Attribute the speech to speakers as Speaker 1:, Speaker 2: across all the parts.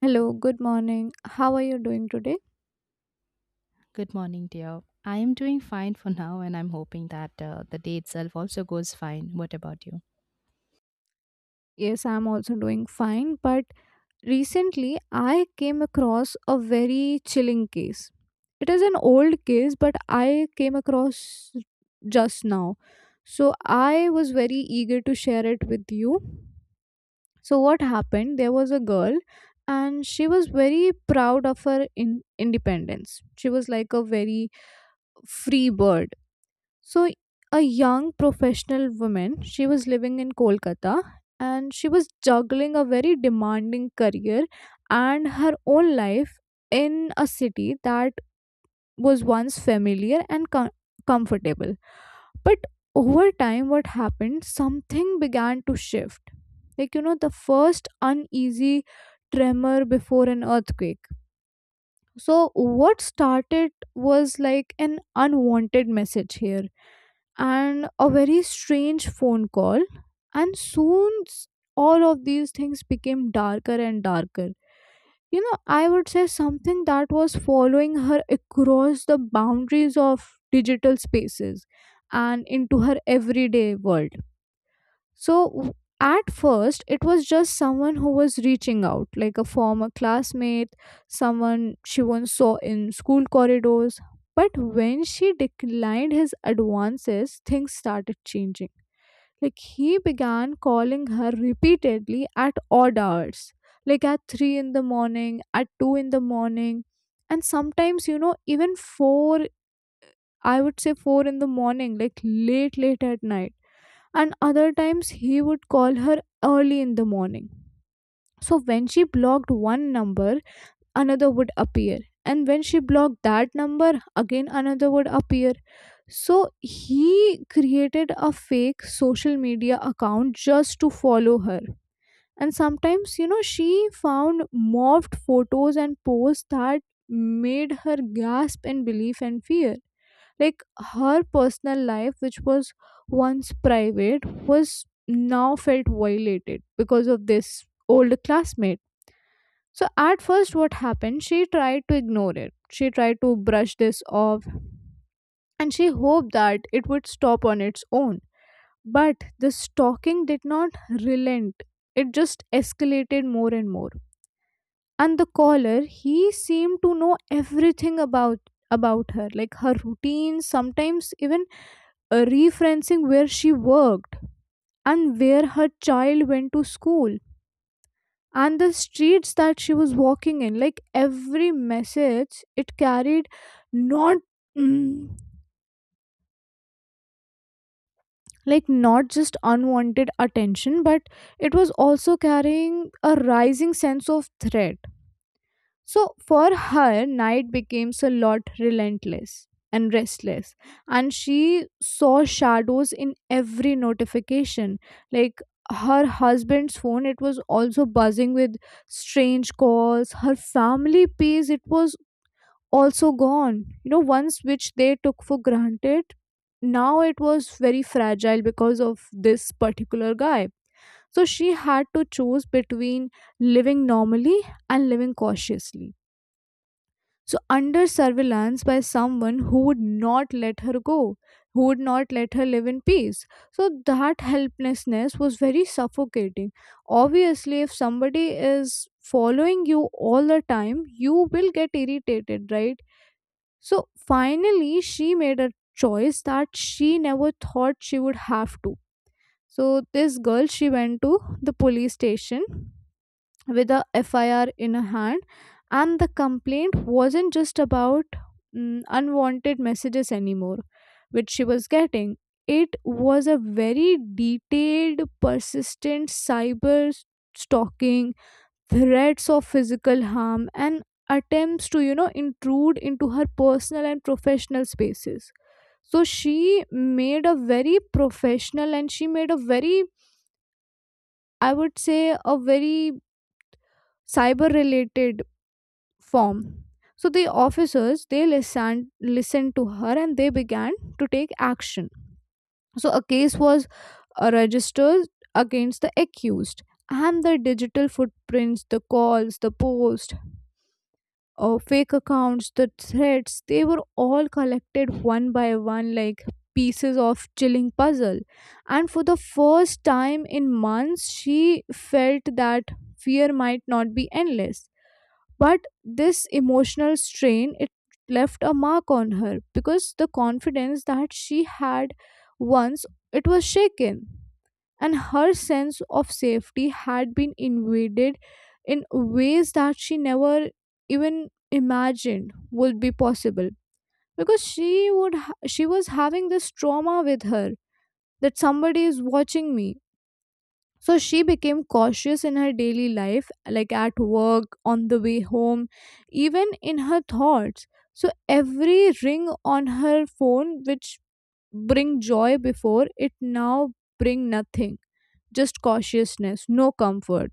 Speaker 1: Hello, good morning. How are you doing today?
Speaker 2: Good morning, dear. I am doing fine for now, and I'm hoping that the day itself also goes fine. What about you?
Speaker 1: Yes, I'm also doing fine, but recently I came across a very chilling case. It is an old case, but I came across just now. So I was very eager to share it with you. So, what happened? There was a girl, and she was very proud of her independence. She was like a very free bird. So, a young professional woman, she was living in Kolkata and she was juggling a very demanding career and her own life in a city that was once familiar and comfortable. But over time, what happened? Something began to shift. Like, the first uneasy tremor before an earthquake. So, what started was like an unwanted message here and a very strange phone call. And soon, all of these things became darker and darker. I would say something that was following her across the boundaries of digital spaces and into her everyday world. So at first, it was just someone who was reaching out, like a former classmate, someone she once saw in school corridors. But when she declined his advances, things started changing. Like he began calling her repeatedly at odd hours, like at 3 in the morning, at 2 in the morning, and sometimes, even 4, I would say 4 in the morning, like late at night, and other times he would call her early in the morning. So when she blocked one number, another would appear. And when she blocked that number, again another would appear. So he created a fake social media account just to follow her. And sometimes, she found morphed photos and posts that made her gasp in belief and fear. Like her personal life, which was once private, was now felt violated because of this old classmate. So at first, what happened? She tried to ignore it. She tried to brush this off and she hoped that it would stop on its own. But the stalking did not relent, it just escalated more and more, and the caller, he seemed to know everything about her, like her routine, sometimes even referencing where she worked and where her child went to school and the streets that she was walking in. Like every message, it carried not mm, like not just unwanted attention, but it was also carrying a rising sense of threat. So for her, night becomes a lot relentless and restless, and she saw shadows in every notification. Like her husband's phone, it was also buzzing with strange calls. Her family piece, it was also gone. Once which they took for granted. Now it was very fragile because of this particular guy. So she had to choose between living normally and living cautiously, so, under surveillance by someone who would not let her go, who would not let her live in peace. So, that helplessness was very suffocating. Obviously, if somebody is following you all the time, you will get irritated, right? So, finally, she made a choice that she never thought she would have to. So, this girl, she went to the police station with a FIR in a hand, and the complaint wasn't just about unwanted messages anymore, which she was getting. It was a very detailed, persistent cyber stalking, threats of physical harm, and attempts to, intrude into her personal and professional spaces. So she made a very professional and she made a very, I would say, a very cyber related form. So the officers, they listened to her and they began to take action. So a case was registered against the accused, and the digital footprints, the calls, the posts, fake accounts, the threats, they were all collected one by one like pieces of chilling puzzle. And for the first time in months, she felt that fear might not be endless, but this emotional strain, it left a mark on her, because the confidence that she had once, it was shaken and her sense of safety had been invaded in ways that she never even imagined would be possible, because she she was having this trauma with her that somebody is watching me. So she became cautious in her daily life, like at work, on the way home, even in her thoughts. So every ring on her phone, which bring joy before, it now bring nothing, just cautiousness, no comfort.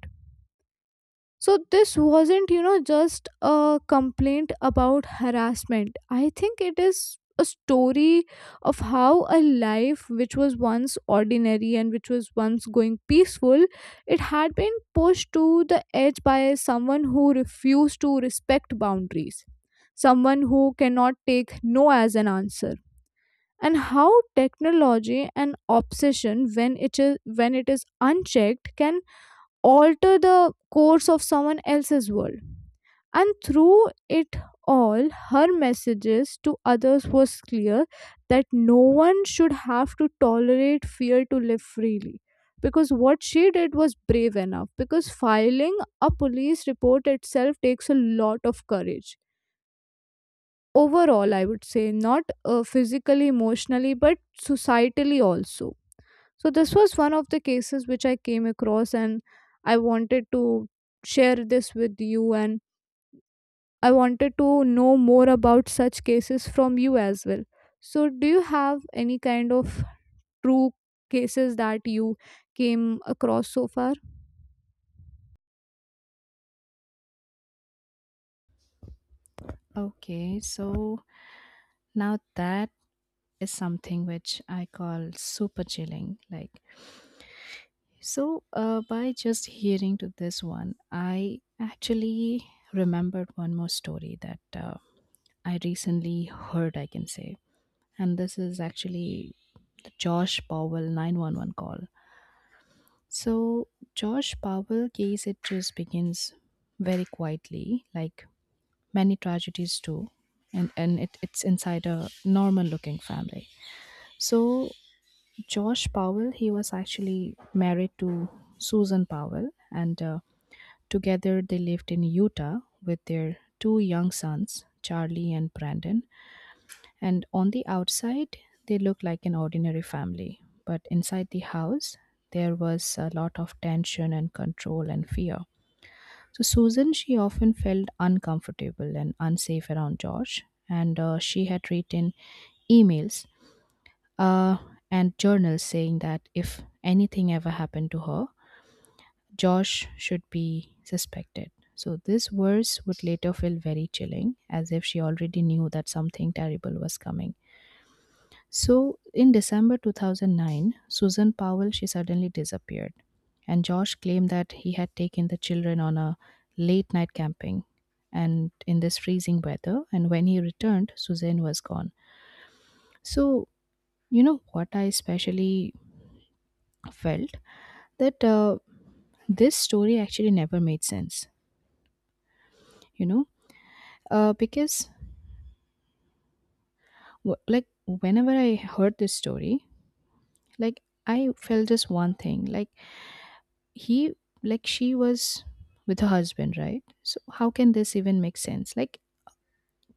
Speaker 1: So this wasn't, just a complaint about harassment. I think it is a story of how a life which was once ordinary and which was once going peaceful, it had been pushed to the edge by someone who refused to respect boundaries, someone who cannot take no as an answer. And how technology and obsession, when it is unchecked, can alter the course of someone else's world. And through it all, her messages to others was clear that no one should have to tolerate fear to live freely. Because what she did was brave enough, because filing a police report itself takes a lot of courage. Overall, I would say, not physically, emotionally, but societally also. So this was one of the cases which I came across, and I wanted to share this with you, and I wanted to know more about such cases from you as well. So do you have any kind of true cases that you came across so far?
Speaker 2: Okay, so now that is something which I call super chilling. Like, so by just hearing to this one, I actually remembered one more story that I recently heard, I can say. And this is actually the Josh Powell 911 call. So Josh Powell case it just begins very quietly, like many tragedies do, and it's inside a normal looking family. So Josh Powell he was actually married to Susan Powell, and together they lived in Utah with their two young sons, Charlie and Brandon. And on the outside, they look like an ordinary family. But inside the house, there was a lot of tension and control and fear. So Susan, she often felt uncomfortable and unsafe around George. And she had written emails uh, and journals saying that if anything ever happened to her, Josh should be suspected. So this verse would later feel very chilling, as if she already knew that something terrible was coming. So in December 2009, Susan Powell she suddenly disappeared, and Josh claimed that he had taken the children on a late night camping and in this freezing weather, and when he returned Susan was gone. So you know what I especially felt that this story actually never made sense, you know? Because like whenever I heard this story, like I felt just one thing, like he like she was with her husband, right? So how can this even make sense? Like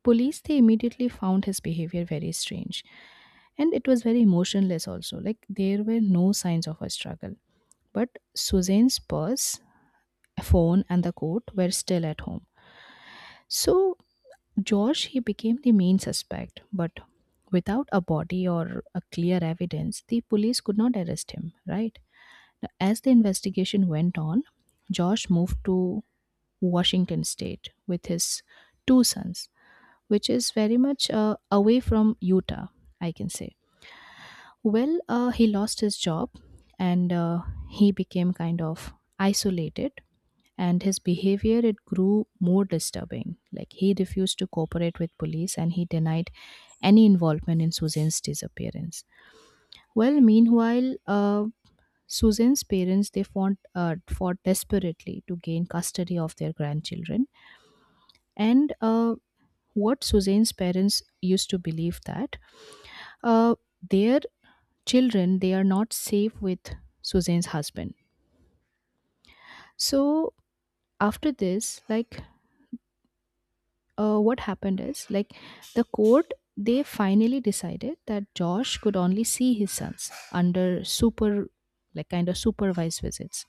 Speaker 2: police they immediately found his behavior very strange, and it was very emotionless also. Like there were no signs of a struggle, but Suzanne's purse, phone and the coat were still at home. So George he became the main suspect, but without a body or a clear evidence the police could not arrest him, right? Now, as the investigation went on, Josh moved to Washington State with his two sons, which is very much away from Utah, I can say. Well, he lost his job and he became kind of isolated, and his behavior it grew more disturbing. Like he refused to cooperate with police and he denied any involvement in Suzanne's disappearance. Well, meanwhile, Suzanne's parents they fought desperately to gain custody of their grandchildren, and what Suzanne's parents used to believe that uh, their children they are not safe with Suzanne's husband. So after this, like what happened is like the court they finally decided that Josh could only see his sons under super, like kind of supervised visits.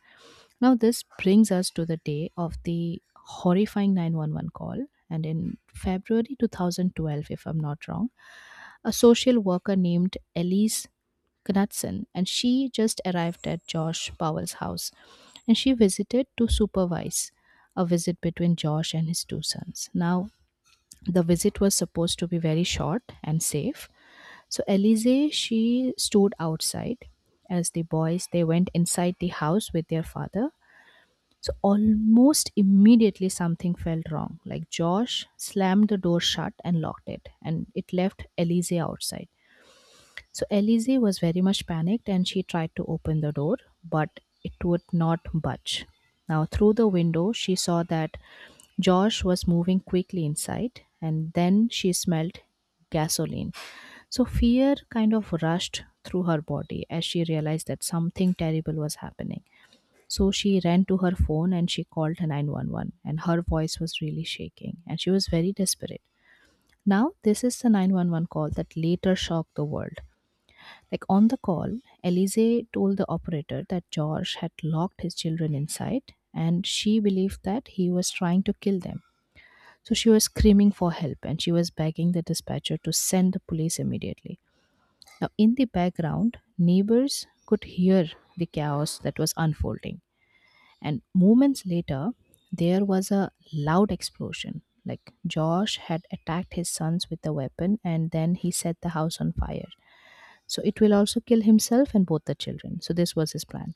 Speaker 2: Now this brings us to the day of the horrifying 911 call, and in February 2012, if I'm not wrong, a social worker named Elise Knudsen, and she just arrived at Josh Powell's house, and she visited to supervise a visit between Josh and his two sons. Now, the visit was supposed to be very short and safe. So Elise, she stood outside as the boys they went inside the house with their father. So almost immediately something felt wrong. Like Josh slammed the door shut and locked it, and it left Elise outside. So Elise was very much panicked and she tried to open the door, but it would not budge. Now, through the window, she saw that Josh was moving quickly inside, and then she smelled gasoline. So fear kind of rushed through her body as she realized that something terrible was happening. So she ran to her phone and she called 911, and her voice was really shaking, and she was very desperate. Now, this is the 911 call that later shocked the world. Like on the call, Elise told the operator that George had locked his children inside and she believed that he was trying to kill them. So she was screaming for help and she was begging the dispatcher to send the police immediately. Now, in the background, neighbors could hear the chaos that was unfolding. And moments later, there was a loud explosion. Like Josh had attacked his sons with a weapon and then he set the house on fire. So it will also kill himself and both the children. So this was his plan.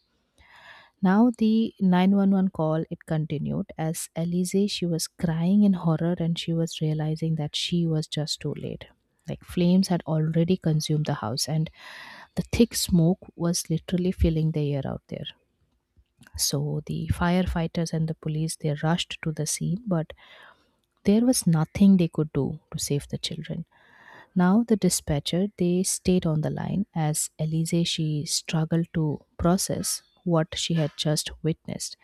Speaker 2: Now the 911 call it continued as Elise she was crying in horror and she was realizing that she was just too late. Like flames had already consumed the house, and the thick smoke was literally filling the air out there. So the firefighters and the police they rushed to the scene, but there was nothing they could do to save the children. Now, the dispatcher, they stayed on the line as Elise she struggled to process what she had just witnessed,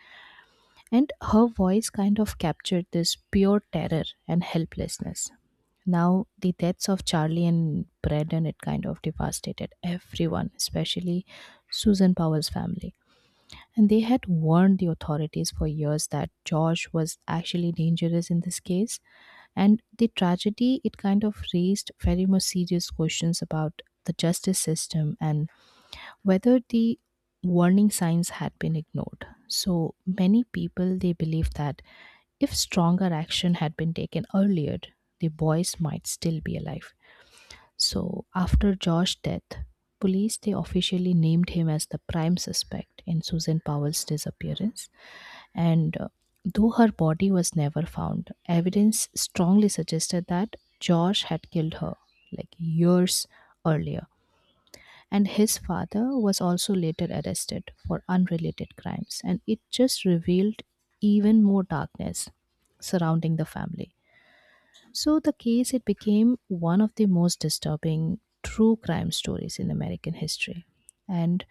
Speaker 2: and her voice kind of captured this pure terror and helplessness. Now, the deaths of Charlie and Braden it kind of devastated everyone, especially Susan Powell's family. And they had warned the authorities for years that Josh was actually dangerous in this case, and the tragedy, it kind of raised very much serious questions about the justice system and whether the warning signs had been ignored. So many people they believe that if stronger action had been taken earlier, the boys might still be alive. So after Josh's death, police they officially named him as the prime suspect in Susan Powell's disappearance, and though her body was never found, evidence strongly suggested that Josh had killed her like years earlier. And his father was also later arrested for unrelated crimes, and it just revealed even more darkness surrounding the family. So the case it became one of the most disturbing true crime stories in American history. And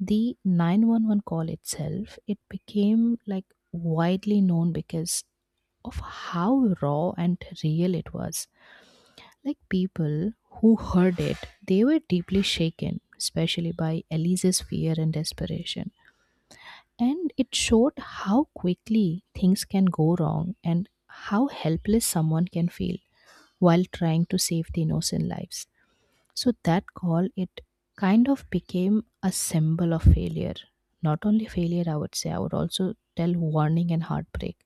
Speaker 2: the 911 call itself, it became like widely known because of how raw and real it was. Like people who heard it, they were deeply shaken, especially by Elise's fear and desperation. And it showed how quickly things can go wrong and how helpless someone can feel while trying to save the innocent lives. So that call, it kind of became a symbol of failure. Not only failure, I would say, I would also tell warning and heartbreak.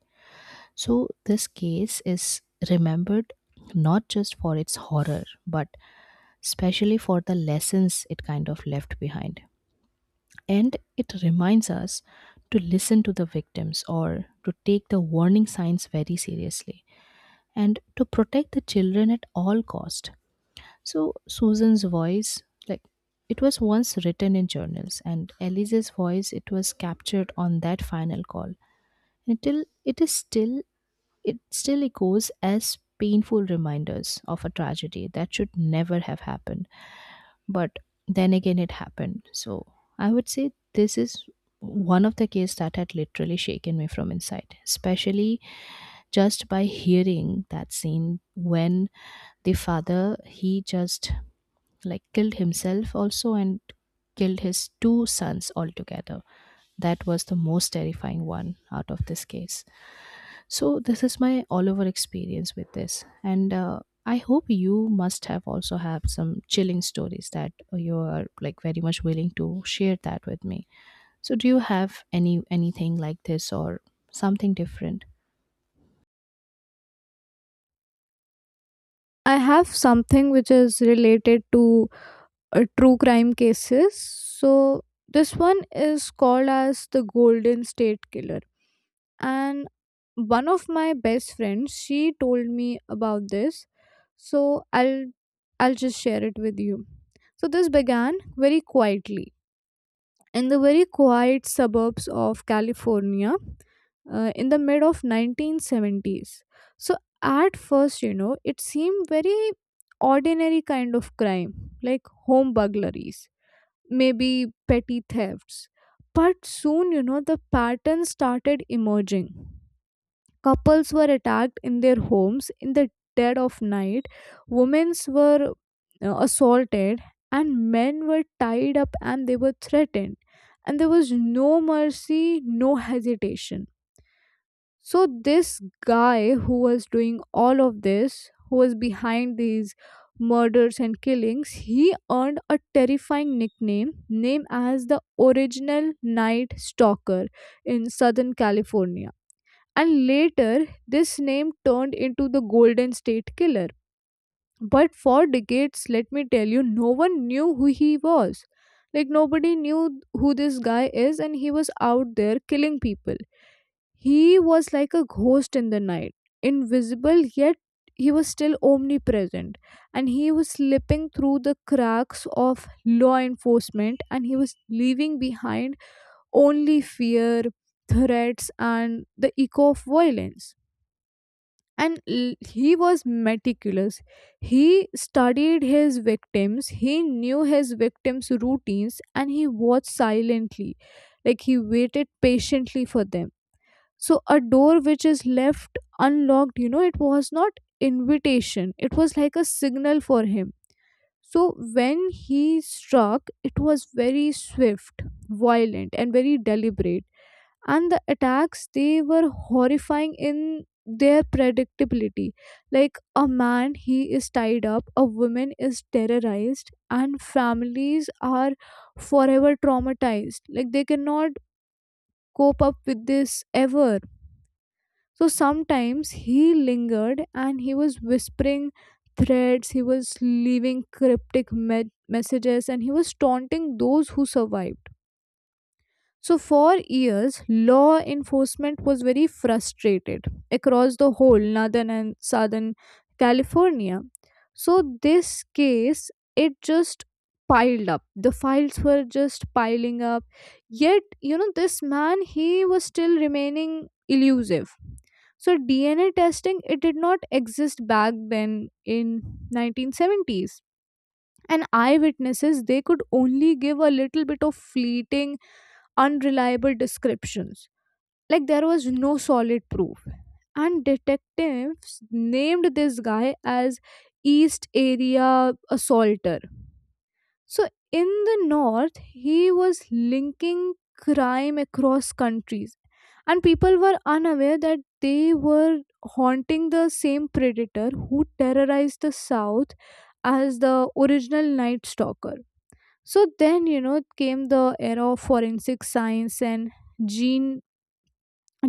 Speaker 2: So this case is remembered not just for its horror, but especially for the lessons it kind of left behind. And it reminds us to listen to the victims or to take the warning signs very seriously and to protect the children at all cost. So Susan's voice, like it was once written in journals, and Elise's voice, it was captured on that final call. Until it is still, it still echoes as painful reminders of a tragedy that should never have happened. But then again, it happened. So I would say this is one of the cases that had literally shaken me from inside, especially just by hearing that scene when the father he just like killed himself also and killed his two sons altogether. That was the most terrifying one out of this case. So this is my all over experience with this, and I hope you must have also have some chilling stories that you are like very much willing to share that with me. So do you have any anything like this or something different?
Speaker 1: I have something which is related to true crime cases. So this one is called as the Golden State Killer, and one of my best friends, she told me about this. So I'll just share it with you. So this began very quietly in the very quiet suburbs of California, in the mid of 1970s. So at first, it seemed very ordinary kind of crime, like home burglaries, maybe petty thefts. But soon, the pattern started emerging. Couples were attacked in their homes in the dead of night. Women were assaulted, and men were tied up and they were threatened. And there was no mercy, no hesitation. So, this guy who was doing all of this, who was behind these murders and killings, he earned a terrifying nickname, named as the original Night Stalker in Southern California, and later this name turned into the Golden State Killer. But for decades, let me tell you, no one knew who he was. Like nobody knew who this guy is, and he was out there killing people. He was like a ghost in the night, invisible yet he was still omnipresent, and he was slipping through the cracks of law enforcement and he was leaving behind only fear, threats, and the echo of violence. And he was meticulous. He studied his victims, he knew his victims routines, and he watched silently. Like he waited patiently for them. So a door which is left unlocked, it was not invitation, it was like a signal for him. So when he struck, it was very swift, violent and very deliberate, and the attacks, they were horrifying in their predictability. Like a man, he is tied up, a woman is terrorized, and families are forever traumatized, like they cannot cope up with this ever. So sometimes he lingered and he was whispering threats, he was leaving cryptic messages, and he was taunting those who survived. So, for years, law enforcement was very frustrated across the whole northern and southern California. So, this case, it just piled up. The files were just piling up. Yet, this man, he was still remaining elusive. So, DNA testing, it did not exist back then in 1970s. And eyewitnesses, they could only give a little bit of fleeting, unreliable descriptions. Like there was no solid proof. And detectives named this guy as East Area Assaulter. So in the north, he was linking crime across countries. And people were unaware that they were haunting the same predator who terrorized the south as the original night stalker. So then, came the era of forensic science and gene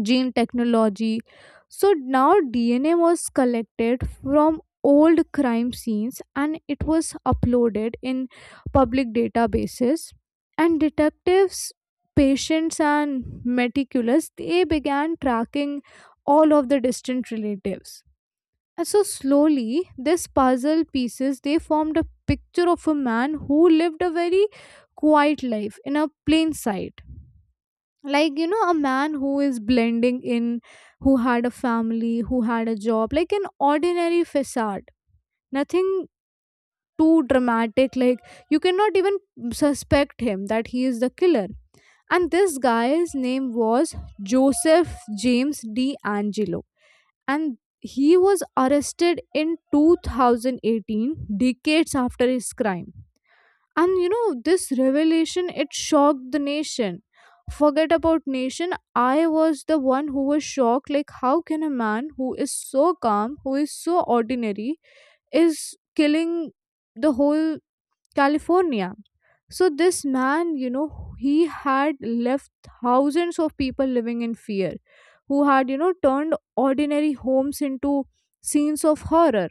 Speaker 1: gene technology. So now DNA was collected from old crime scenes and it was uploaded in public databases, and detectives, patients and meticulous, they began tracking all of the distant relatives. And so slowly these puzzle pieces, they formed a picture of a man who lived a very quiet life in a plain sight, like a man who is blending in, who had a family, who had a job, like an ordinary facade, nothing too dramatic. Like you cannot even suspect him that he is the killer. And this guy's name was Joseph James D'Angelo, and he was arrested in 2018, decades after his crime. And this revelation, it shocked the nation. Forget about nation, I was the one who was shocked. Like how can a man who is so calm, who is so ordinary, is killing the whole California. So this man, he had left thousands of people living in fear, who had, turned ordinary homes into scenes of horror.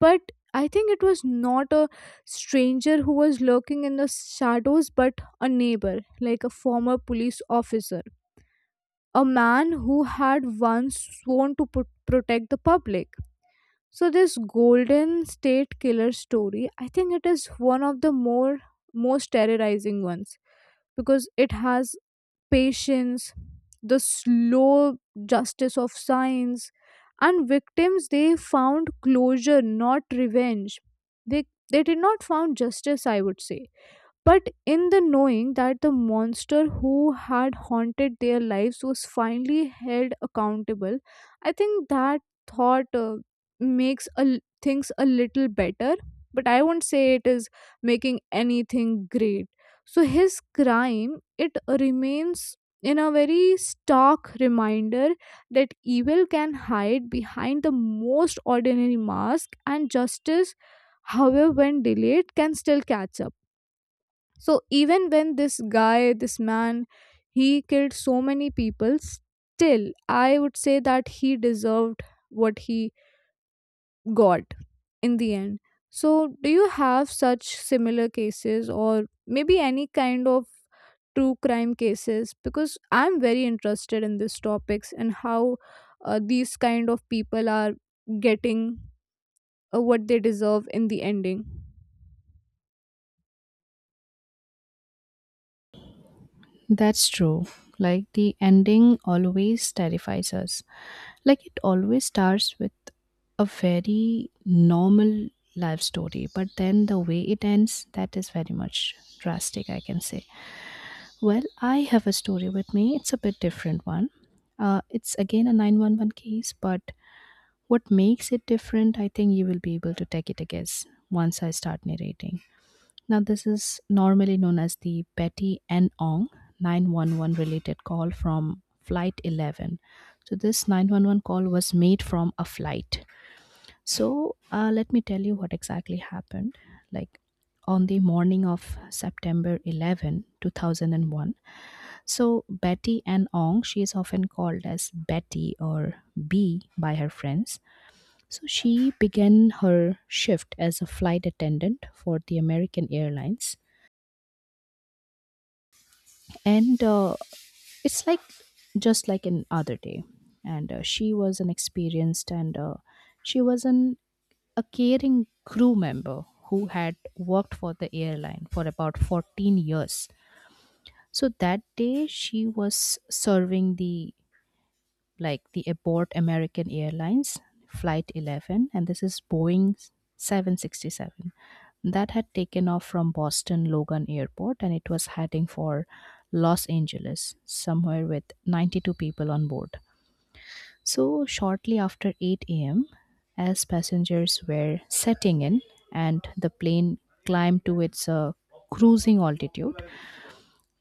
Speaker 1: But I think it was not a stranger who was lurking in the shadows, but a neighbor, like a former police officer, a man who had once sworn to protect the public. So, this Golden State Killer story, I think it is one of the more most terrorizing ones, because it has patience, the slow justice of science, and victims, they found closure, not revenge. They did not found justice, I would say. But in the knowing that the monster who had haunted their lives was finally held accountable, I think that thought makes a, things a little better. But I won't say it is making anything great. So his crime, it remains in a very stark reminder that evil can hide behind the most ordinary mask, and justice, however, when delayed, can still catch up. So even when this guy, this man, he killed so many people, still I would say that he deserved what he got in the end. So do you have such similar cases or maybe any kind of true crime cases, because I'm very interested in these topics and how these kind of people are getting what they deserve in the ending.
Speaker 2: That's true. Like the ending always terrifies us. Like it always starts with a very normal life story, but then the way it ends, that is very much drastic, I can say. Well, I have a story with me. It's a bit different one. It's again a 911 case, but what makes it different, I think you will be able to take it a guess once I start narrating. Now, this is normally known as the Betty and Ong 911 related call from Flight 11. So this 911 call was made from a flight. So let me tell you what exactly happened. Like on the morning of September 11, 2001. So Betty and Ong, she is often called as Betty or B by her friends. So she began her shift as a flight attendant for the American Airlines, and it's like just like an other day, and she was an experienced, and she was an a caring crew member who had worked for the airline for about 14 years. So that day she was serving the, like the abort American Airlines Flight 11, and this is Boeing 767 that had taken off from Boston Logan Airport, and it was heading for Los Angeles, somewhere with 92 people on board. So shortly after 8 a.m., as passengers were setting in and the plane climbed to its cruising altitude,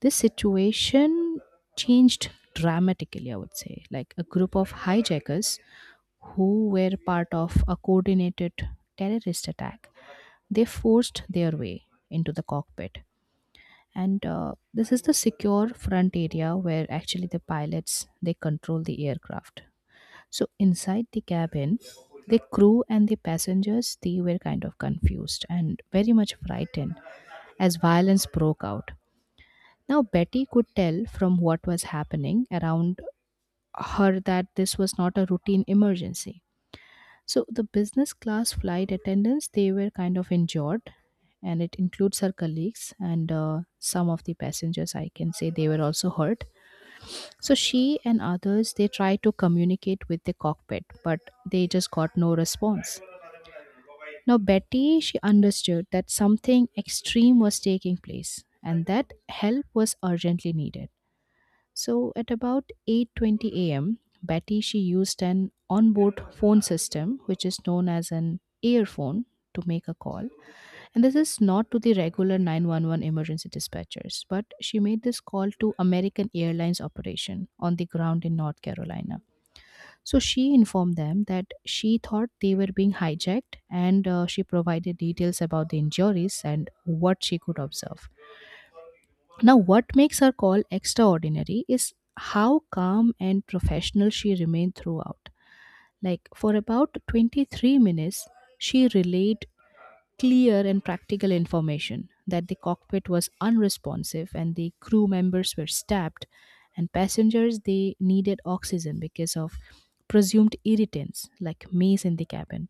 Speaker 2: this situation changed dramatically, I would say. Like a group of hijackers who were part of a coordinated terrorist attack. They forced their way into the cockpit. And this is the secure front area where actually the pilots they control the aircraft. So inside the cabin, the crew and the passengers they were kind of confused and very much frightened as violence broke out. Now Betty could tell from what was happening around her that this was not a routine emergency. So the business class flight attendants, they were kind of injured, and it includes her colleagues and some of the passengers. I can say they were also hurt. So she and others, they tried to communicate with the cockpit, but they just got no response. Now Betty, she understood that something extreme was taking place, and that help was urgently needed. So at about 8:20 a.m., Betty she used an onboard phone system which is known as an earphone to make a call. And this is not to the regular 911 emergency dispatchers, but she made this call to American Airlines operation on the ground in North Carolina. So she informed them that she thought they were being hijacked and she provided details about the injuries and what she could observe. Now, what makes her call extraordinary is how calm and professional she remained throughout. Like, for about 23 minutes, she relayed clear and practical information that the cockpit was unresponsive and the crew members were stabbed and passengers they needed oxygen because of presumed irritants like mace in the cabin,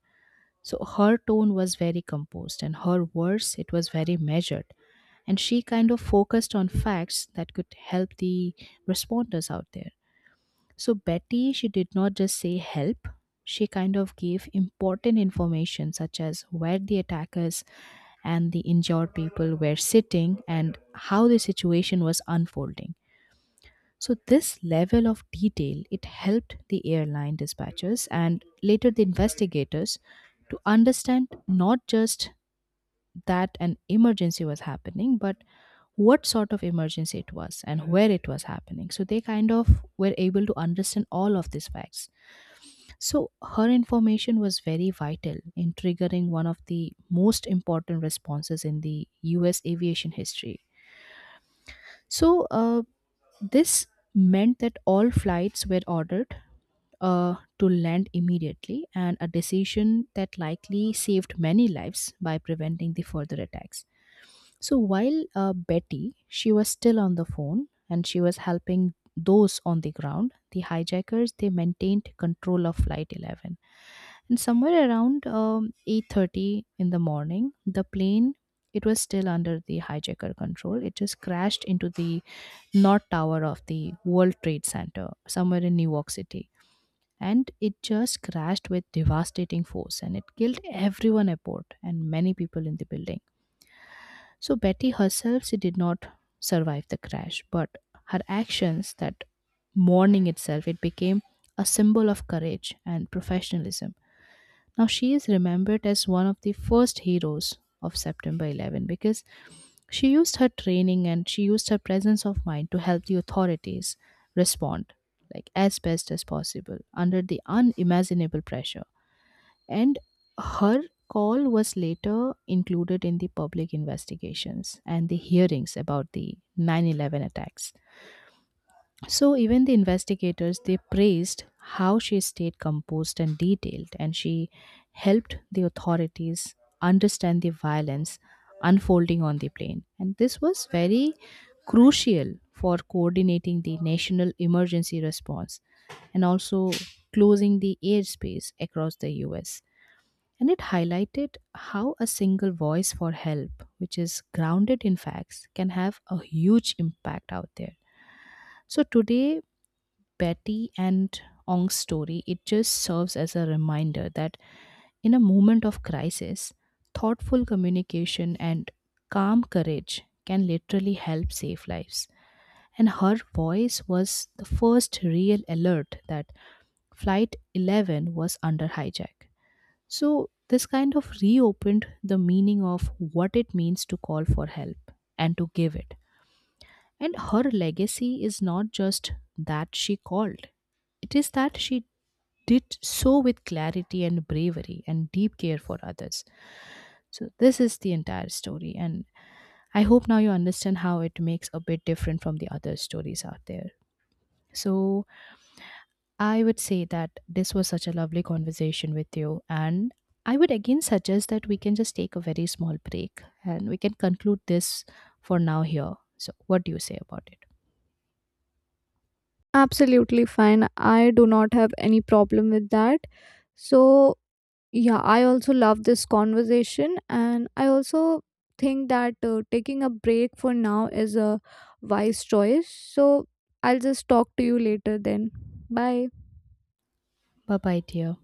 Speaker 2: so her tone was very composed, and her words, it was very measured. And she kind of focused on facts that could help the responders out there. So Betty, she did not just say help, she kind of gave important information such as where the attackers and the injured people were sitting and how the situation was unfolding. So this level of detail it helped the airline dispatchers and later the investigators to understand not just that an emergency was happening but what sort of emergency it was and where it was happening. So they kind of were able to understand all of these facts. So her information was very vital in triggering one of the most important responses in the US aviation history. So this meant that all flights were ordered to land immediately, and a decision that likely saved many lives by preventing the further attacks. So while Betty, she was still on the phone and she was helping those on the ground. The hijackers they maintained control of Flight 11, and somewhere around 8:30 in the morning, the plane it was still under the hijacker control. It just crashed into the not tower of the World Trade Center, somewhere in New York City. And it just crashed with devastating force and it killed everyone aboard and many people in the building. So Betty herself, she did not survive the crash, but her actions that morning itself, it became a symbol of courage and professionalism. Now, she is remembered as one of the first heroes of September 11 because she used her training and she used her presence of mind to help the authorities respond like as best as possible under the unimaginable pressure, and her call was later included in the public investigations and the hearings about the 9/11 attacks. So even the investigators they praised how she stayed composed and detailed, and she helped the authorities understand the violence unfolding on the plane, and this was very crucial for coordinating the national emergency response and also closing the airspace across the US. And it highlighted how a single voice for help which is grounded in facts can have a huge impact out there. So today Betty and Ong's story, it just serves as a reminder that in a moment of crisis, thoughtful communication and calm courage can literally help save lives. And her voice was the first real alert that Flight 11 was under hijack. So, this kind of reopened the meaning of what it means to call for help and to give it. And her legacy is not just that she called, it is that she did so with clarity and bravery and deep care for others. So, this is the entire story, and I hope now you understand how it makes a bit different from the other stories out there. So, I would say that this was such a lovely conversation with you, and I would again suggest that we can just take a very small break and we can conclude this for now here. So, what do you say about it?
Speaker 1: Absolutely fine. I do not have any problem with that. So, yeah, I also love this conversation, and I also think that taking a break for now is a wise choice. So, I'll just talk to you later then. Bye.
Speaker 2: Bye bye, dear.